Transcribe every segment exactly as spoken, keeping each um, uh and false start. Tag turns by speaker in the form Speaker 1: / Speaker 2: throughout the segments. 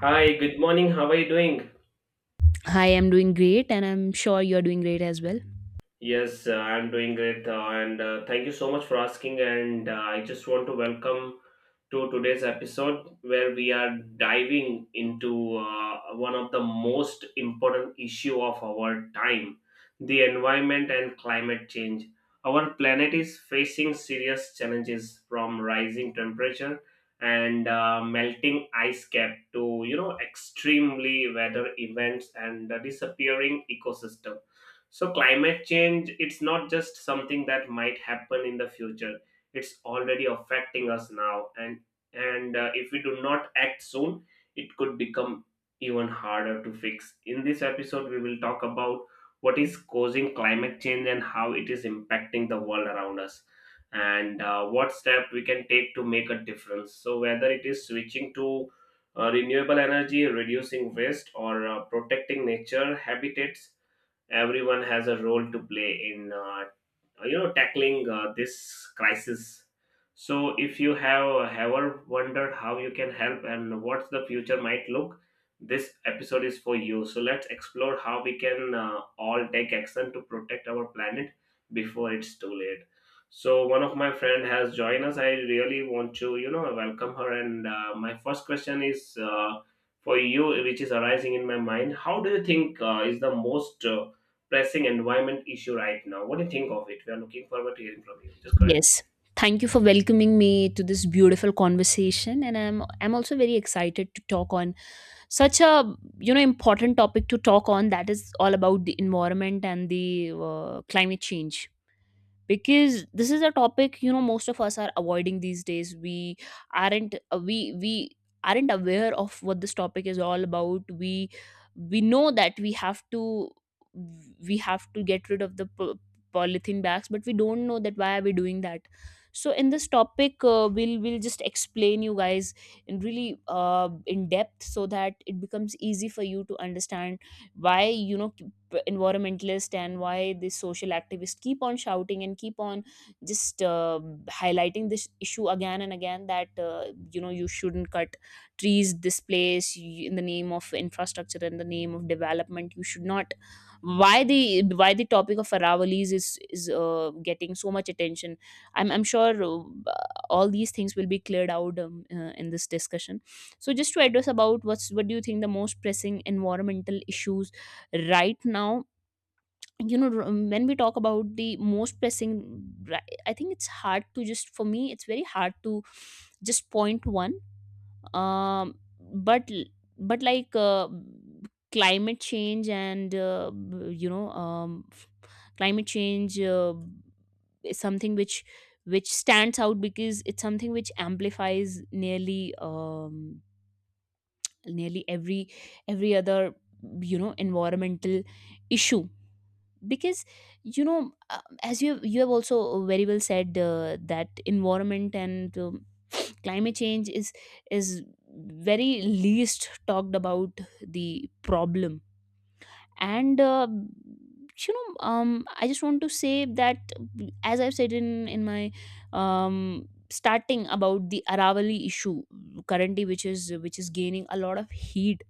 Speaker 1: Hi, good morning. How are you doing?
Speaker 2: Hi, I'm doing great, and I'm sure you're doing great as well.
Speaker 1: Yes, uh, I'm doing great, uh, and uh, thank you so much for asking. And uh, I just want to welcome to today's episode where we are diving into uh, one of the most important issue of our time, the environment and climate change. Our planet is facing serious challenges from rising temperature and uh, melting ice cap to you know extremely weather events and uh, disappearing ecosystem, so climate change, it's not just something that might happen in the future. It's already affecting us now, and and uh, if we do not act soon, it could become even harder to fix. In this episode we will talk about what is causing climate change and how it is impacting the world around us, and uh, what step we can take to make a difference. So whether it is switching to uh, renewable energy, reducing waste, or uh, protecting nature habitats, everyone has a role to play in uh, you know tackling uh, this crisis. So if you have ever wondered how you can help and what the future might look, this episode is for you. So let's explore how we can uh, all take action to protect our planet before it's too late. So one of my friend has joined us. I really want to you know welcome her, and uh, my first question is uh, for you, which is arising in my mind: how do you think uh, is the most uh, pressing environment issue right now? What do you think of it? We are looking forward to hearing from you. Just correct.
Speaker 2: Yes. Thank you for welcoming me to this beautiful conversation, and I'm I'm also very excited to talk on such a you know important topic to talk on, that is all about the environment and the uh, climate change. Because this is a topic, you know, most of us are avoiding these days. We aren't uh, we we aren't aware of what this topic is all about. We we know that we have to we have to get rid of the po- polythene bags, but we don't know that why are we doing that. So in this topic, uh, we'll we'll just explain you guys in really uh, in depth so that it becomes easy for you to understand why, you know, p- environmentalist and why the social activists keep on shouting and keep on just uh, highlighting this issue again and again, that uh, you know, you shouldn't cut trees this place, y- in the name of infrastructure, in the name of development you should not. why the why the topic of Aravallis is is uh, getting so much attention? I'm i'm sure uh, all these things will be cleared out um, uh, in this discussion. So just to address about what's what do you think the most pressing environmental issues right now. You know, r- when we talk about the most pressing, ri- I think it's hard to just, for me it's very hard to just point one. Um but but like uh, climate change and uh, b- you know um climate change uh, is something which which stands out because it's something which amplifies nearly um nearly every every other, you know, environmental issue. Because, you know, uh, as you have, you have also very well said uh, that environment and um, climate change is is very least talked about, the problem. And uh, you know um I just want to say that, as I've said in in my um starting about the Aravali issue currently, which is which is gaining a lot of heat.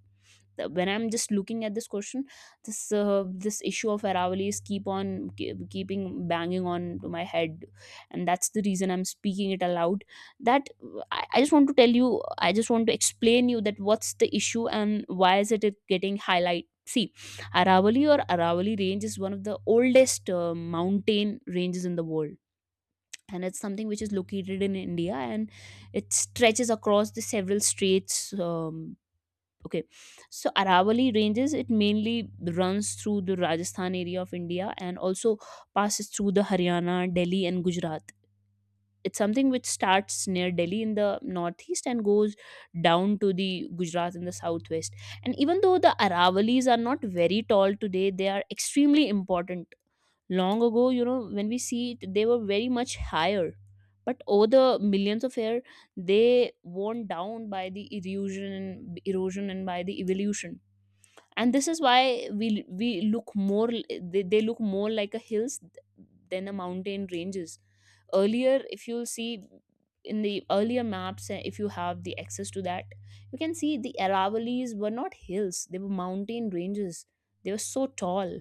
Speaker 2: the- When I'm just looking at this question, this, uh, this issue of Aravallis keep on ke- keeping banging on to my head, and that's the reason I'm speaking it aloud. That uh, I, I just want to tell you, I just want to explain you that what's the issue and why is it it getting highlight. See, Aravali or Aravali range is one of the oldest uh, mountain ranges in the world, and it's something which is located in India, and it stretches across the several states. um, Okay, so Aravalli ranges, it mainly runs through the Rajasthan area of India and also passes through the Haryana, Delhi, and Gujarat. It's something which starts near Delhi in the northeast and goes down to the Gujarat in the southwest. And even though the Aravalis are not very tall today, they are extremely important. Long ago, you know, when we see it, they were very much higher. But over the millions of years, they worn down by the erosion, erosion, and by the evolution. And this is why we we look more, they, they look more like a hills than a mountain ranges. Earlier, if you'll see, in the earlier maps, eh, if you have the access to that, you can see the Aravallis were not hills, they were mountain ranges. They were so tall,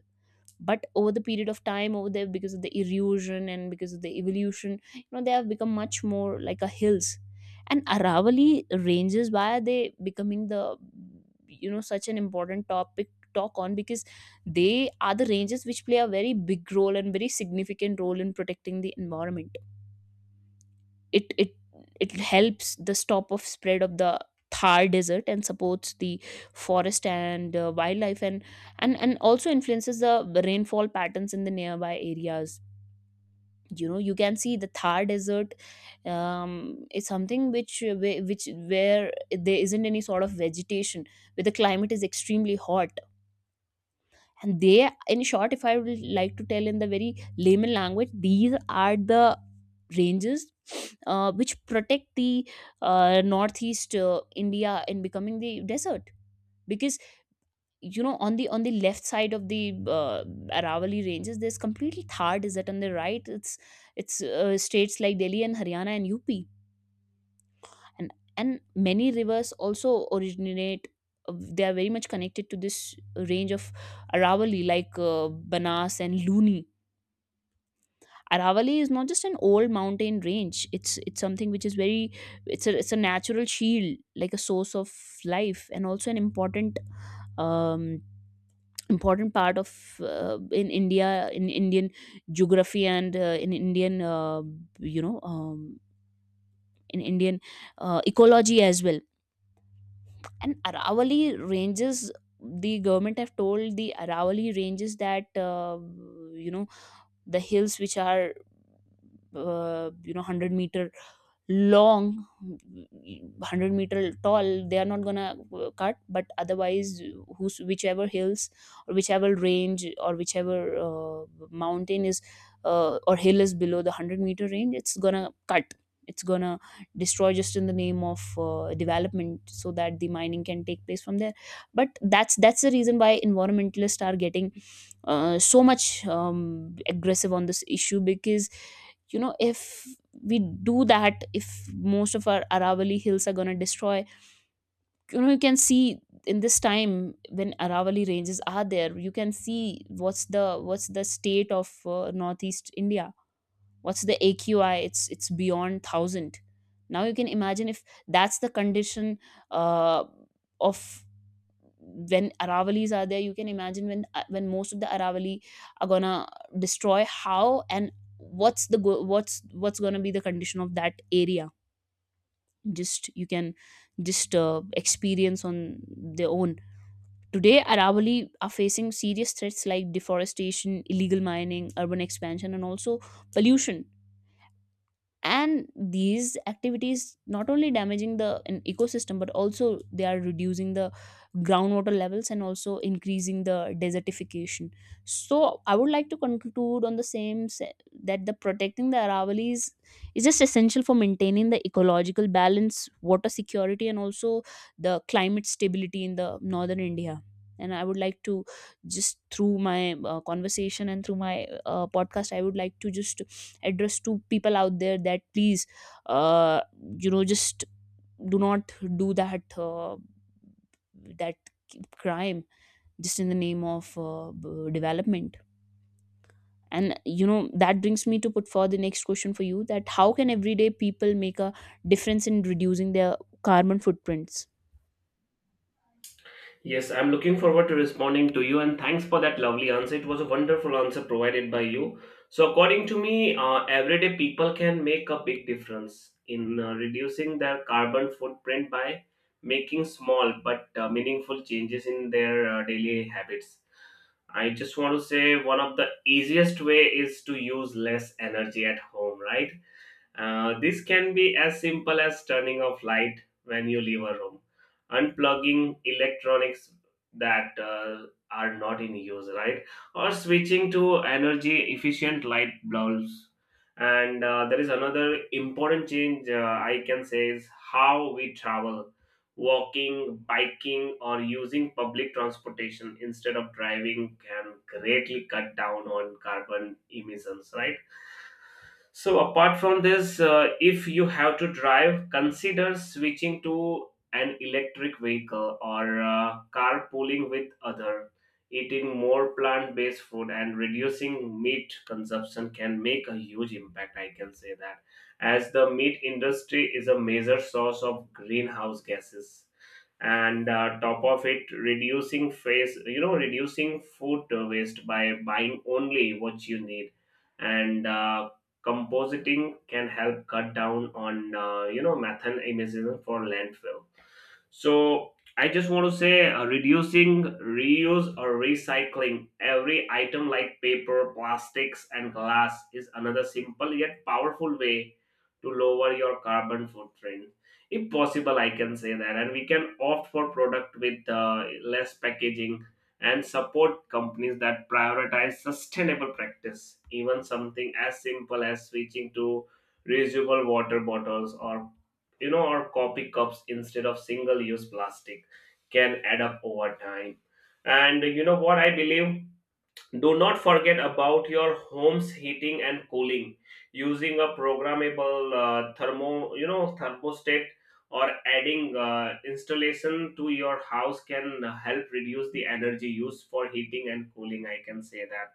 Speaker 2: but over the period of time over there, because of the erosion and because of the evolution, you know, they have become much more like a hills. And Aravali ranges, why are they becoming the, you know, such an important topic talk on? Because they are the ranges which play a very big role and very significant role in protecting the environment. It it it helps the stop of spread of the Thar desert and supports the forest and uh, wildlife, and and and also influences the rainfall patterns in the nearby areas. You know, you can see the Thar desert um, is something which whi- which where there isn't any sort of vegetation, where the climate is extremely hot. And they, in short, if I would like to tell in the very layman language, these are the ranges uh, which protect the uh, northeast uh, India in becoming the desert. Because, you know, on the on the left side of the uh, Aravalli ranges, there's completely Thar desert. On the right, it's it's uh, states like Delhi and Haryana and U P, and and many rivers also originate. Uh, they are very much connected to this range of Aravali, like uh, Banas and Luni. Aravali is not just an old mountain range, it's it's something which is very, it's a, it's a natural shield, like a source of life, and also an important um important part of, uh, in India, in Indian geography, and uh, in Indian, uh, you know um, in Indian uh, ecology as well. And Aravali ranges, the government have told the Aravali ranges that, uh, you know, the hills which are, uh, you know, one hundred meter long, one hundred meter tall, they are not gonna uh, cut. But otherwise, who's whichever hills or whichever range or whichever uh, mountain is uh, or hill is below the one hundred meter range, it's gonna cut, it's gonna destroy, just in the name of uh, development so that the mining can take place from there. But that's that's the reason why environmentalists are getting uh, so much um, aggressive on this issue, because, you know, if we do that, if most of our Aravali hills are going to destroy. You know, you can see in this time when Aravali ranges are there, you can see what's the what's the state of uh, northeast India. What's the A Q I? It's it's beyond thousand. Now you can imagine if that's the condition uh, of when Aravalis are there. You can imagine when uh, when most of the Aravali are gonna destroy, how, and what's the go- what's what's gonna be the condition of that area. Just you can just uh, experience on their own. Today Aravali are facing serious threats like deforestation, illegal mining, urban expansion, and also pollution. And these activities not only damaging the an ecosystem, but also they are reducing the groundwater levels and also increasing the desertification. So I would like to conclude on the same se- that the protecting the Aravallis is just essential for maintaining the ecological balance, water security, and also the climate stability in the northern India. And I would like to just through my uh, conversation and through my uh, podcast, I would like to just address to people out there that please, uh, you know just do not do that uh, that crime just in the name of uh, b- development. And you know, that brings me to put forward the next question for you, that how can everyday people make a difference in reducing their carbon footprints?
Speaker 1: Yes, I'm looking forward to responding to you, and thanks for that lovely answer. It was a wonderful answer provided by you. So, according to me, uh, everyday people can make a big difference in uh, reducing their carbon footprint by making small but uh, meaningful changes in their uh, daily habits. I just want to say one of the easiest way is to use less energy at home, right? Uh, this can be as simple as turning off light when you leave a room, unplugging electronics that uh, are not in use, right? Or switching to energy efficient light bulbs. And uh, there is another important change uh, I can say is how we travel. Walking, biking, or using public transportation instead of driving can greatly cut down on carbon emissions, right? So apart from this, uh, if you have to drive, consider switching to an electric vehicle or uh, carpooling with other. Eating more plant-based food and reducing meat consumption can make a huge impact, I can say that, as the meat industry is a major source of greenhouse gases, and uh, top of it, reducing face, you know, reducing food waste by buying only what you need and uh, compositing can help cut down on uh, you know methane emissions for landfill. So I just want to say uh, reducing, reuse or recycling every item like paper, plastics, and glass is another simple yet powerful way to lower your carbon footprint. If possible, I can say that, and we can opt for product with uh, less packaging and support companies that prioritize sustainable practice. Even something as simple as switching to reusable water bottles or you know or coffee cups instead of single use plastic can add up over time. And you know what I believe, do not forget about your home's heating and cooling. Using a programmable uh, thermo, you know, thermostat or adding uh, installation to your house can help reduce the energy used for heating and cooling, I can say that.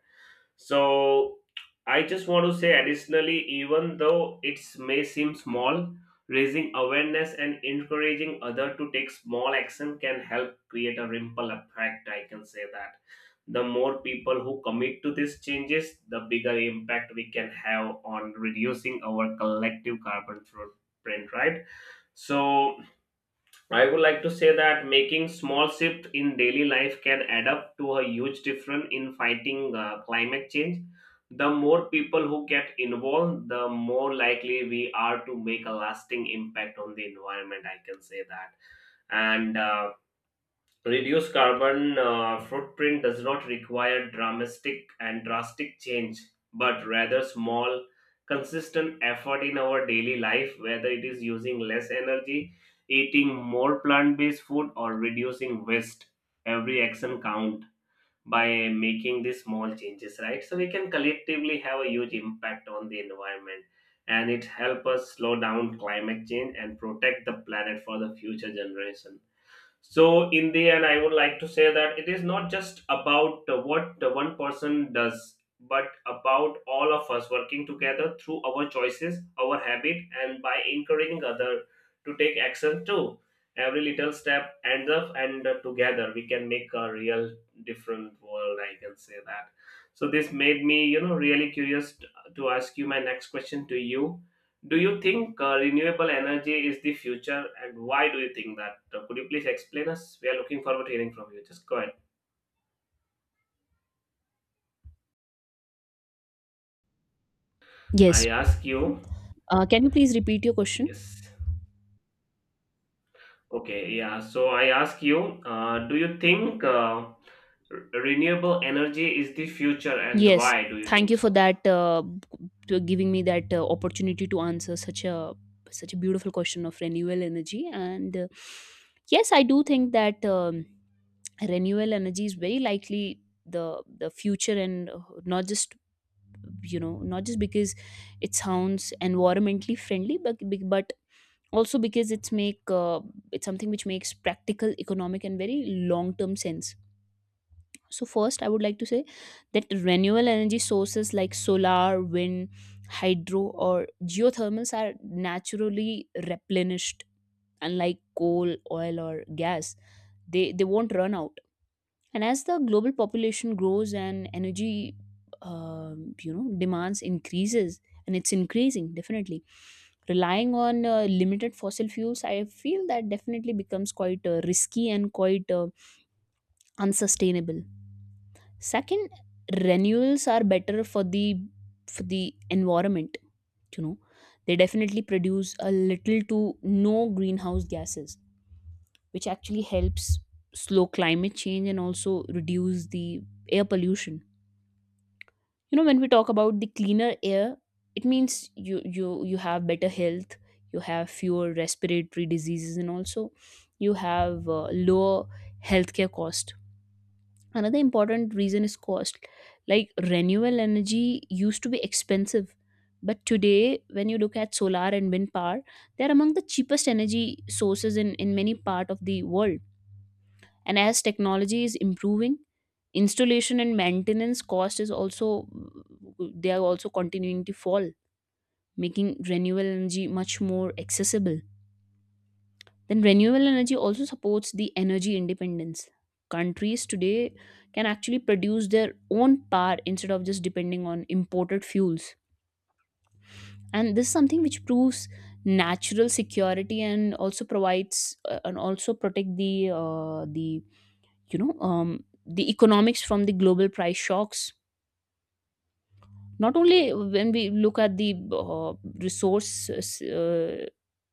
Speaker 1: So I just want to say additionally, even though it may seem small, raising awareness and encouraging other to take small action can help create a ripple effect. I can say that the more people who commit to these changes, the bigger impact we can have on reducing our collective carbon footprint, right? So, I would like to say that making small shift in daily life can add up to a huge difference in fighting uh, climate change. The more people who get involved, the more likely we are to make a lasting impact on the environment, I can say that, and uh, reduce carbon uh, footprint does not require dramatic and drastic change, but rather small, consistent effort in our daily life, whether it is using less energy, eating more plant based food, or reducing waste. Every action count by making these small changes, right? So we can collectively have a huge impact on the environment, and it help us slow down climate change and protect the planet for the future generation. So, in the end, I would like to say that it is not just about uh, what the one person does, but about all of us working together through our choices, our habit, and by encouraging other to take action too. Every little step ends up, and uh, together we can make a real different world, I can say that. So, this made me, you know, really curious t- to ask you my next question to you. Do you think uh, renewable energy is the future, and why do you think that? Uh, could you please explain us? We are looking forward to hearing from you. Just go ahead.
Speaker 2: Yes,
Speaker 1: I ask you.
Speaker 2: uh, can you please repeat your question?
Speaker 1: Yes. Okay. Yeah. So I ask you. Uh, do you think uh, re- renewable energy is the future, and
Speaker 2: Yes,
Speaker 1: why do you
Speaker 2: thank
Speaker 1: think
Speaker 2: you for
Speaker 1: so?
Speaker 2: that uh, to giving me that uh, opportunity to answer such a such a beautiful question of renewable energy. And uh, yes, I do think that, um, renewable energy is very likely the the future. And uh, not just, you know, not just because it sounds environmentally friendly, but but also because it's make uh, it's something which makes practical, economic, and very long term sense. So, first, I would like to say that renewable energy sources like solar, wind, hydro, or geothermals are naturally replenished, unlike coal, oil, or gas. They, they won't run out. And as the global population grows and energy, um, you know, demands increases, and it's increasing definitely, relying on uh, limited fossil fuels, I feel that definitely becomes quite uh, risky and quite uh, unsustainable. Second, renewals are better for the for the environment, you know. They definitely produce a little to no greenhouse gases, which actually helps slow climate change and also reduce the air pollution. You know, when we talk about the cleaner air, it means you you you have better health, you have fewer respiratory diseases, and also you have uh, lower healthcare cost. Another important reason is cost. Like renewable energy used to be expensive, but today when you look at solar and wind power, they are among the cheapest energy sources in, in many part of the world. And as technology is improving, installation and maintenance cost is also, they are also continuing to fall, making renewable energy much more accessible. Then renewable energy also supports the energy independence. Countries today can actually produce their own power instead of just depending on imported fuels. And this is something which proves natural security, and also provides uh, and also protect the uh, the you know um, the economics from the global price shocks. Not only when we look at the uh, resource uh,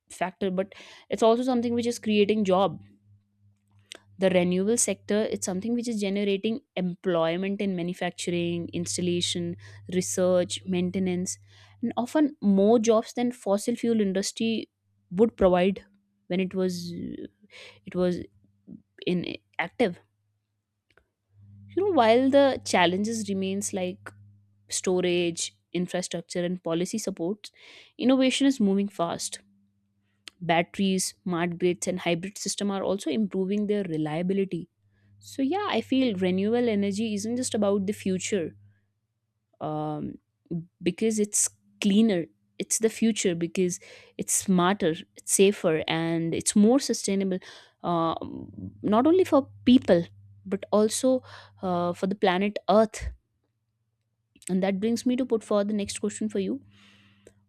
Speaker 2: factor, but it's also something which is creating jobs, the renewable sector, it's something which is generating employment in manufacturing, installation, research, maintenance, and often more jobs than fossil fuel industry would provide when it was it was in active. You know, while the challenges remains like storage, infrastructure and policy supports, innovation is moving fast. Batteries, smart grids and hybrid system are also improving their reliability. So yeah, I feel renewable energy isn't just about the future, um, because it's cleaner. It's the future because it's smarter, it's safer, and it's more sustainable. Uh, Not only for people, but also uh, for the planet Earth. And that brings me to put forward the next question for you.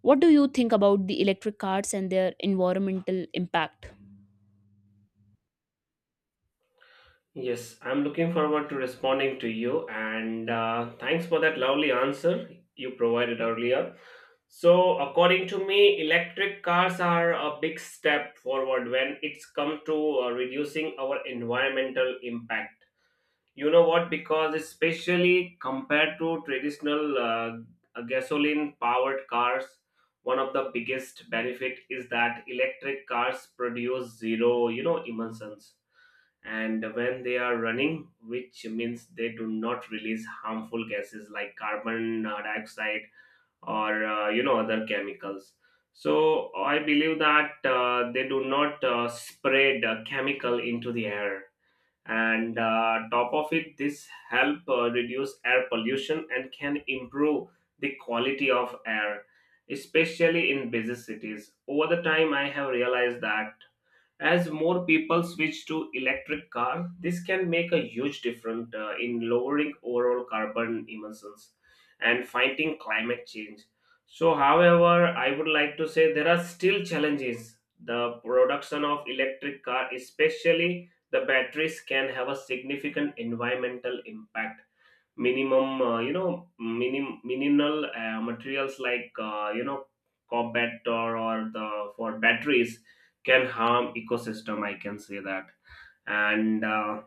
Speaker 2: What do you think about the electric cars and their environmental impact?
Speaker 1: Yes, I'm looking forward to responding to you, and uh, thanks for that lovely answer you provided earlier. So, according to me, electric cars are a big step forward when it's come to uh, reducing our environmental impact. You know what? Because especially compared to traditional uh, gasoline-powered cars, one of the biggest benefit is that electric cars produce zero, you know, emissions and when they are running, which means they do not release harmful gases like carbon uh, dioxide or uh, you know other chemicals. So I believe that uh, they do not uh, spread uh, chemical into the air. And uh, top of it, this help uh, reduce air pollution and can improve the quality of air, especially in busy cities. Over the time, I have realized that as more people switch to electric car, this can make a huge difference uh, in lowering overall carbon emissions and fighting climate change. So, however, I would like to say there are still challenges. The production of electric car, especially the batteries, can have a significant environmental impact. Minimum uh, you know minim minimal uh, materials like uh, you know cobalt or, or the for batteries can harm ecosystem, I can say that. And uh,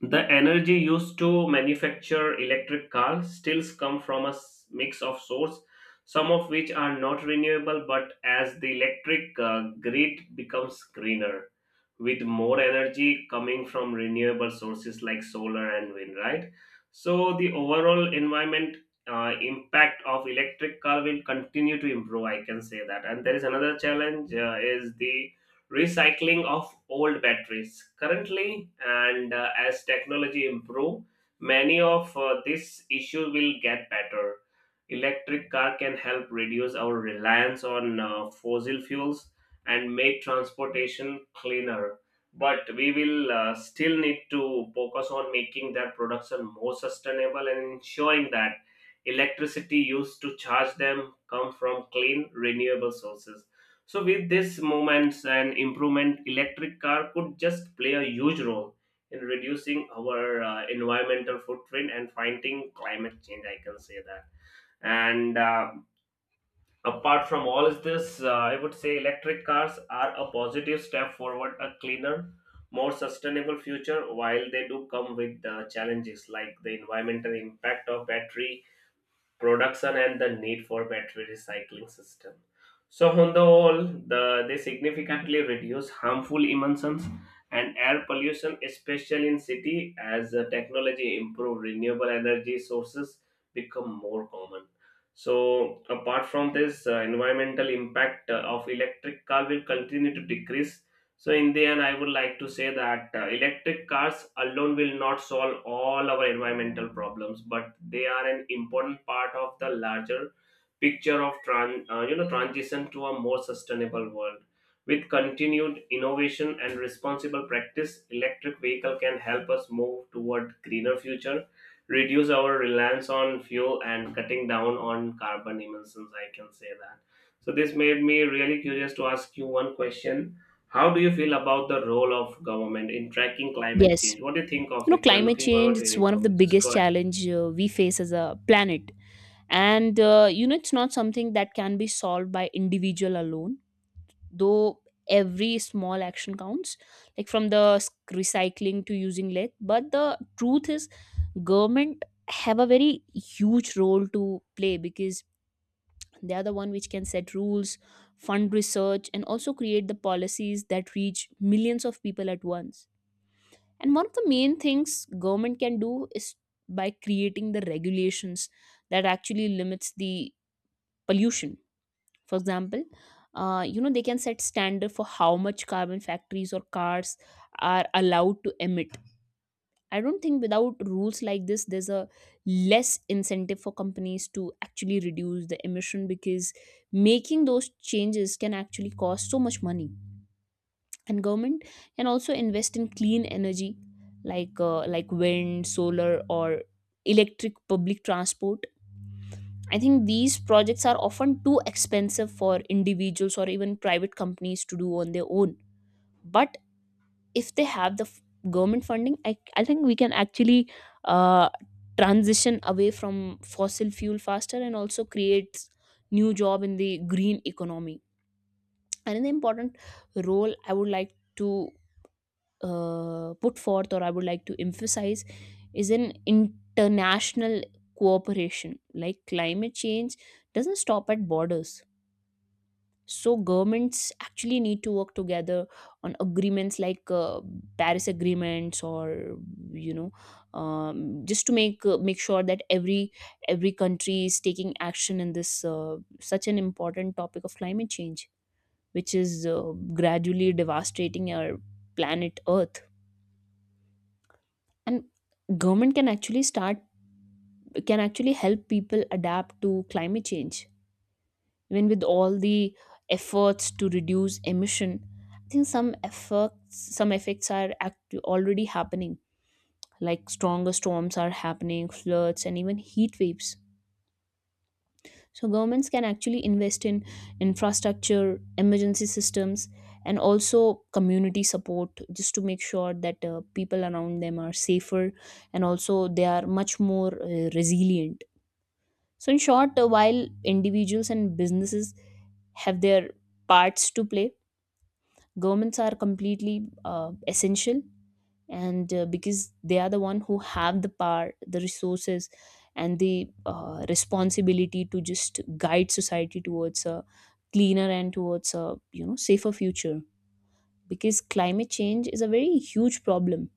Speaker 1: the energy used to manufacture electric cars still come from a s- mix of sources, some of which are not renewable, but as the electric uh, grid becomes greener, with more energy coming from renewable sources like solar and wind, right? So the overall environment uh, impact of electric car will continue to improve, I can say that. And there is another challenge uh, is the recycling of old batteries. Currently, and uh, as technology improve, many of uh, this issue will get better. Electric car can help reduce our reliance on uh, fossil fuels and make transportation cleaner. But we will uh, still need to focus on making their production more sustainable and ensuring that electricity used to charge them come from clean renewable sources. So with these movements and improvement, electric car could just play a huge role in reducing our uh, environmental footprint and fighting climate change, I can say that. And uh, apart from all of this, uh, I would say electric cars are a positive step forward, a cleaner, more sustainable future. While they do come with uh, challenges like the environmental impact of battery production and the need for battery recycling system. So on the whole, the, they significantly reduce harmful emissions and air pollution, especially in city, as the technology improve renewable energy sources become more common. So apart from this, uh, environmental impact uh, of electric car will continue to decrease. So, in the end, I would like to say that uh, electric cars alone will not solve all our environmental problems, but they are an important part of the larger picture of tran- uh, you know transition to a more sustainable world. With continued innovation and responsible practice, electric vehicle can help us move toward greener future, reduce our reliance on fuel, and cutting down on carbon emissions, I can say that. So, this made me really curious to ask you one question: how do you feel about the role of government in tracking climate
Speaker 2: Yes,
Speaker 1: change? What do you think
Speaker 2: you
Speaker 1: of
Speaker 2: know,
Speaker 1: it? We are
Speaker 2: climate
Speaker 1: looking
Speaker 2: change.
Speaker 1: forward to
Speaker 2: It's
Speaker 1: hearing
Speaker 2: one of
Speaker 1: from
Speaker 2: the
Speaker 1: you. Just go
Speaker 2: biggest
Speaker 1: ahead.
Speaker 2: challenge uh, we face as a planet, and uh, you know, it's not something that can be solved by individual alone, though every small action counts, like from the s- recycling to using less. But the truth is, government have a very huge role to play because they are the one which can set rules, fund research and also create the policies that reach millions of people at once. And one of the main things government can do is by creating the regulations that actually limits the pollution. For example, uh, you know, they can set standard for how much carbon factories or cars are allowed to emit. I don't think without rules like this there's a less incentive for companies to actually reduce the emission, because making those changes can actually cost so much money. And government can also invest in clean energy, like uh, like wind, solar or electric public transport. I think these projects are often too expensive for individuals or even private companies to do on their own. But if they have the f- government funding, I, I think we can actually uh, transition away from fossil fuel faster and also create new job in the green economy. Another important role I would like to uh, put forth, or I would like to emphasize, is an international cooperation. Like climate change doesn't stop at borders, so governments actually need to work together on agreements like uh, paris agreements, or you know, um, just to make uh, make sure that every every country is taking action in this uh, such an important topic of climate change, which is uh, gradually devastating our planet earth. And government can actually start can actually help people adapt to climate change. Even with all the efforts to reduce emission, I think some effects some effects are act- already happening, like stronger storms are happening, floods and even heat waves. So governments can actually invest in infrastructure, emergency systems, and also community support, just to make sure that uh, people around them are safer and also they are much more uh, resilient. So in short, uh, while individuals and businesses have their parts to play, governments are completely uh, essential, and uh, because they are the one who have the power, the resources and the uh, responsibility to just guide society towards a cleaner and towards a, you know, safer future. Because climate change is a very huge problem,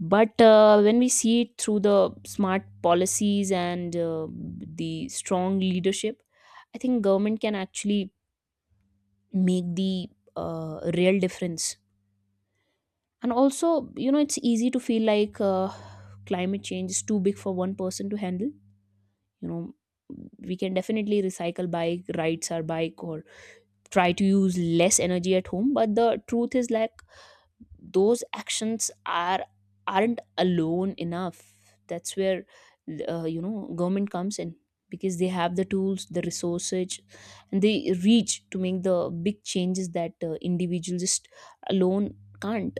Speaker 2: but uh, when we see it through the smart policies and uh, the strong leadership, I think government can actually make the uh, real difference. And also, you know, it's easy to feel like uh, climate change is too big for one person to handle. You know, we can definitely recycle, bike rides our bike or try to use less energy at home. But the truth is, like, those actions are aren't alone enough. That's where uh, you know, government comes in, because they have the tools, the resources and the reach to make the big changes that uh, individuals just alone can't.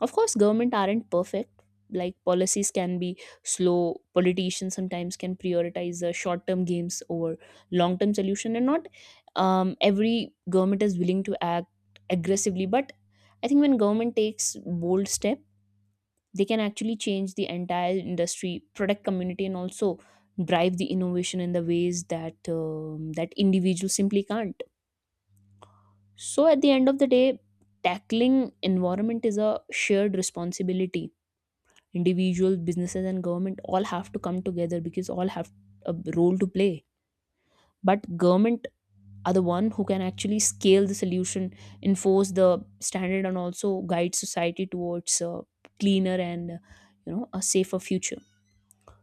Speaker 2: Of course, government aren't perfect. Like policies can be slow, politicians sometimes can prioritize the short-term gains over long-term solution, and not um, every government is willing to act aggressively. But I think when government takes bold step, they can actually change the entire industry, product community, and also drive the innovation in the ways that um, that individuals simply can't. So at the end of the day, tackling environment is a shared responsibility. Individuals, businesses and government all have to come together because all have a role to play. But government are the one who can actually scale the solution, enforce the standard and also guide society towards a cleaner and, you know, a safer future.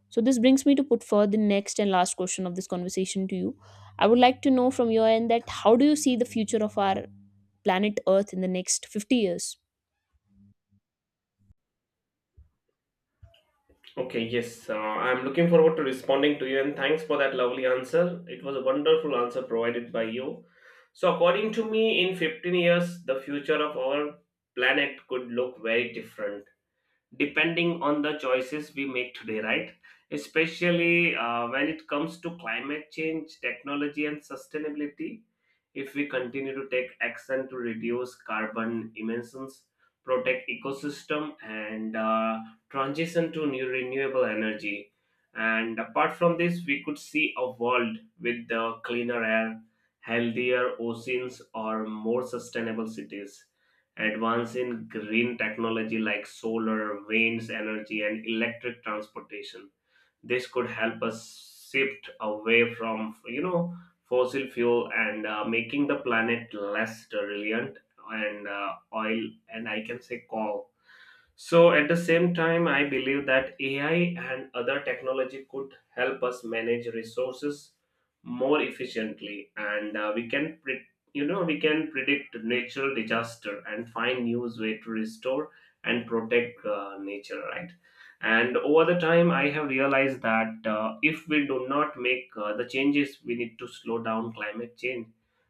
Speaker 2: So this brings me to put forward the next and last question of this conversation to you. I would like to know from your end that how do you see the future of our planet earth in the next fifty years?
Speaker 1: Okay, yes, uh, I'm looking forward to responding to you and thanks for that lovely answer. It was a wonderful answer provided by you. So, according to me, in fifteen years, the future of our planet could look very different, depending on the choices we make today, right? Especially uh, when it comes to climate change, technology, and sustainability. If we continue to take action to reduce carbon emissions, protect ecosystem, and uh, transition to new renewable energy, and apart from this, we could see a world with the cleaner air, healthier oceans, or more sustainable cities. Advance in green technology like solar, winds energy, and electric transportation. This could help us shift away from you know fossil fuel and uh, making the planet less reliant and uh, oil and I can say coal. So at the same time, I believe that A I and other technology could help us manage resources more efficiently, and uh, we can, pre- you know, we can predict natural disaster and find new way to restore and protect uh, nature, right? And over the time, I have realized that uh, if we do not make uh, the changes we need to slow down climate change,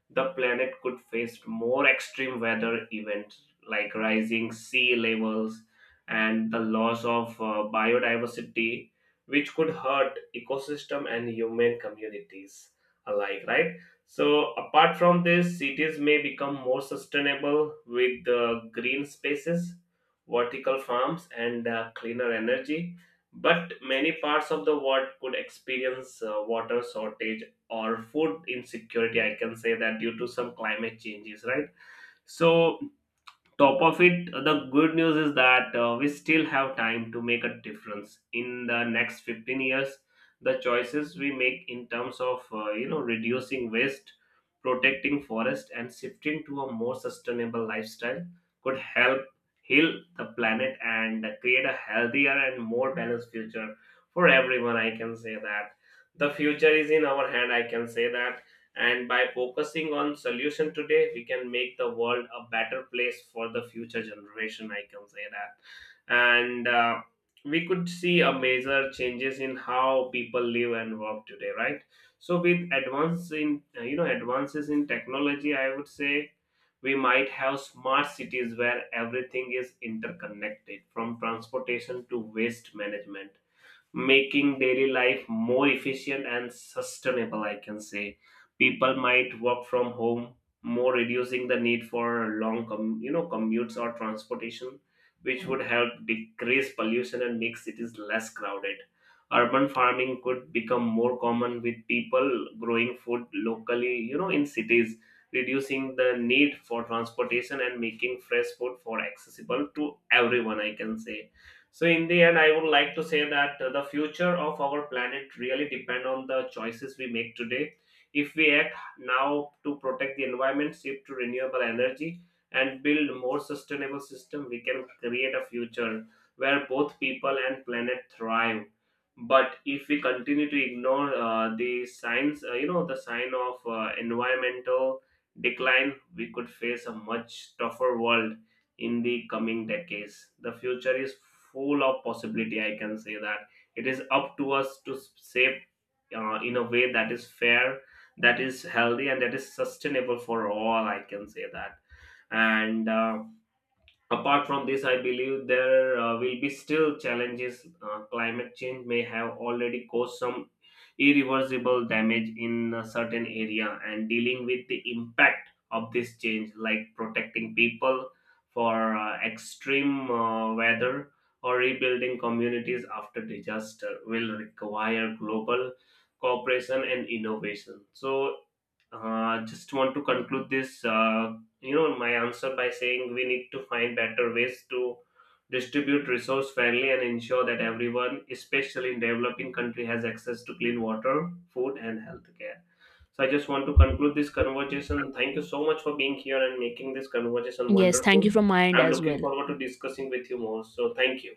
Speaker 1: the planet could face more extreme weather events like rising sea levels and the loss of uh, biodiversity, which could hurt ecosystem and human communities alike, right? So, apart from this, cities may become more sustainable with uh, green spaces, vertical farms, and uh, cleaner energy. But many parts of the world could experience uh, water shortage or food insecurity. I can say that due to some climate changes, right? So, top of it, the good news is that uh, we still have time to make a difference in the next fifteen years. The choices we make in terms of uh, you know reducing waste, protecting forest, and shifting to a more sustainable lifestyle could help heal the planet and create a healthier and more balanced future for everyone, I can say that. The future is in our hand, I can say that. And by focusing on solution today, we can make the world a better place for the future generation, I can say that. And uh, we could see a major changes in how people live and work today, right? So with advance in uh, you know advances in technology, I would say we might have smart cities where everything is interconnected from transportation to waste management, making daily life more efficient and sustainable, I can say. People might work from home more, reducing the need for long com- you know commutes or transportation, which would help decrease pollution and make cities less crowded. Urban farming could become more common, with people growing food locally, you know in cities, reducing the need for transportation and making fresh food for accessible to everyone, I can say. So in the end, I would like to say that uh, the future of our planet really depend on the choices we make today. If we act now to protect the environment, shift to renewable energy, and build more sustainable system, we can create a future where both people and planet thrive. But if we continue to ignore uh, the signs, uh, you know, the sign of uh, environmental decline, we could face a much tougher world in the coming decades. The future is full of possibility, I can say that. It is up to us to s- shape uh, in a way that is fair, that is healthy, and that is sustainable for all. I can say that. And. Uh, Apart from this, I believe there uh, will be still challenges. Uh, climate change may have already caused some irreversible damage in a certain area, and dealing with the impact of this change, like protecting people for uh, extreme uh, weather or rebuilding communities after disaster, will require global cooperation and innovation. So, uh, just want to conclude this uh, you know my answer by saying we need to find better ways to distribute resource fairly and ensure that everyone, especially in developing country, has access to clean water, food, and healthcare. So I just want to conclude this conversation. Thank you so much for being here and making this conversation
Speaker 2: Yes, thank you
Speaker 1: wonderful.
Speaker 2: from my end
Speaker 1: I'm
Speaker 2: as
Speaker 1: looking
Speaker 2: well.
Speaker 1: forward to discussing with you more, so thank you.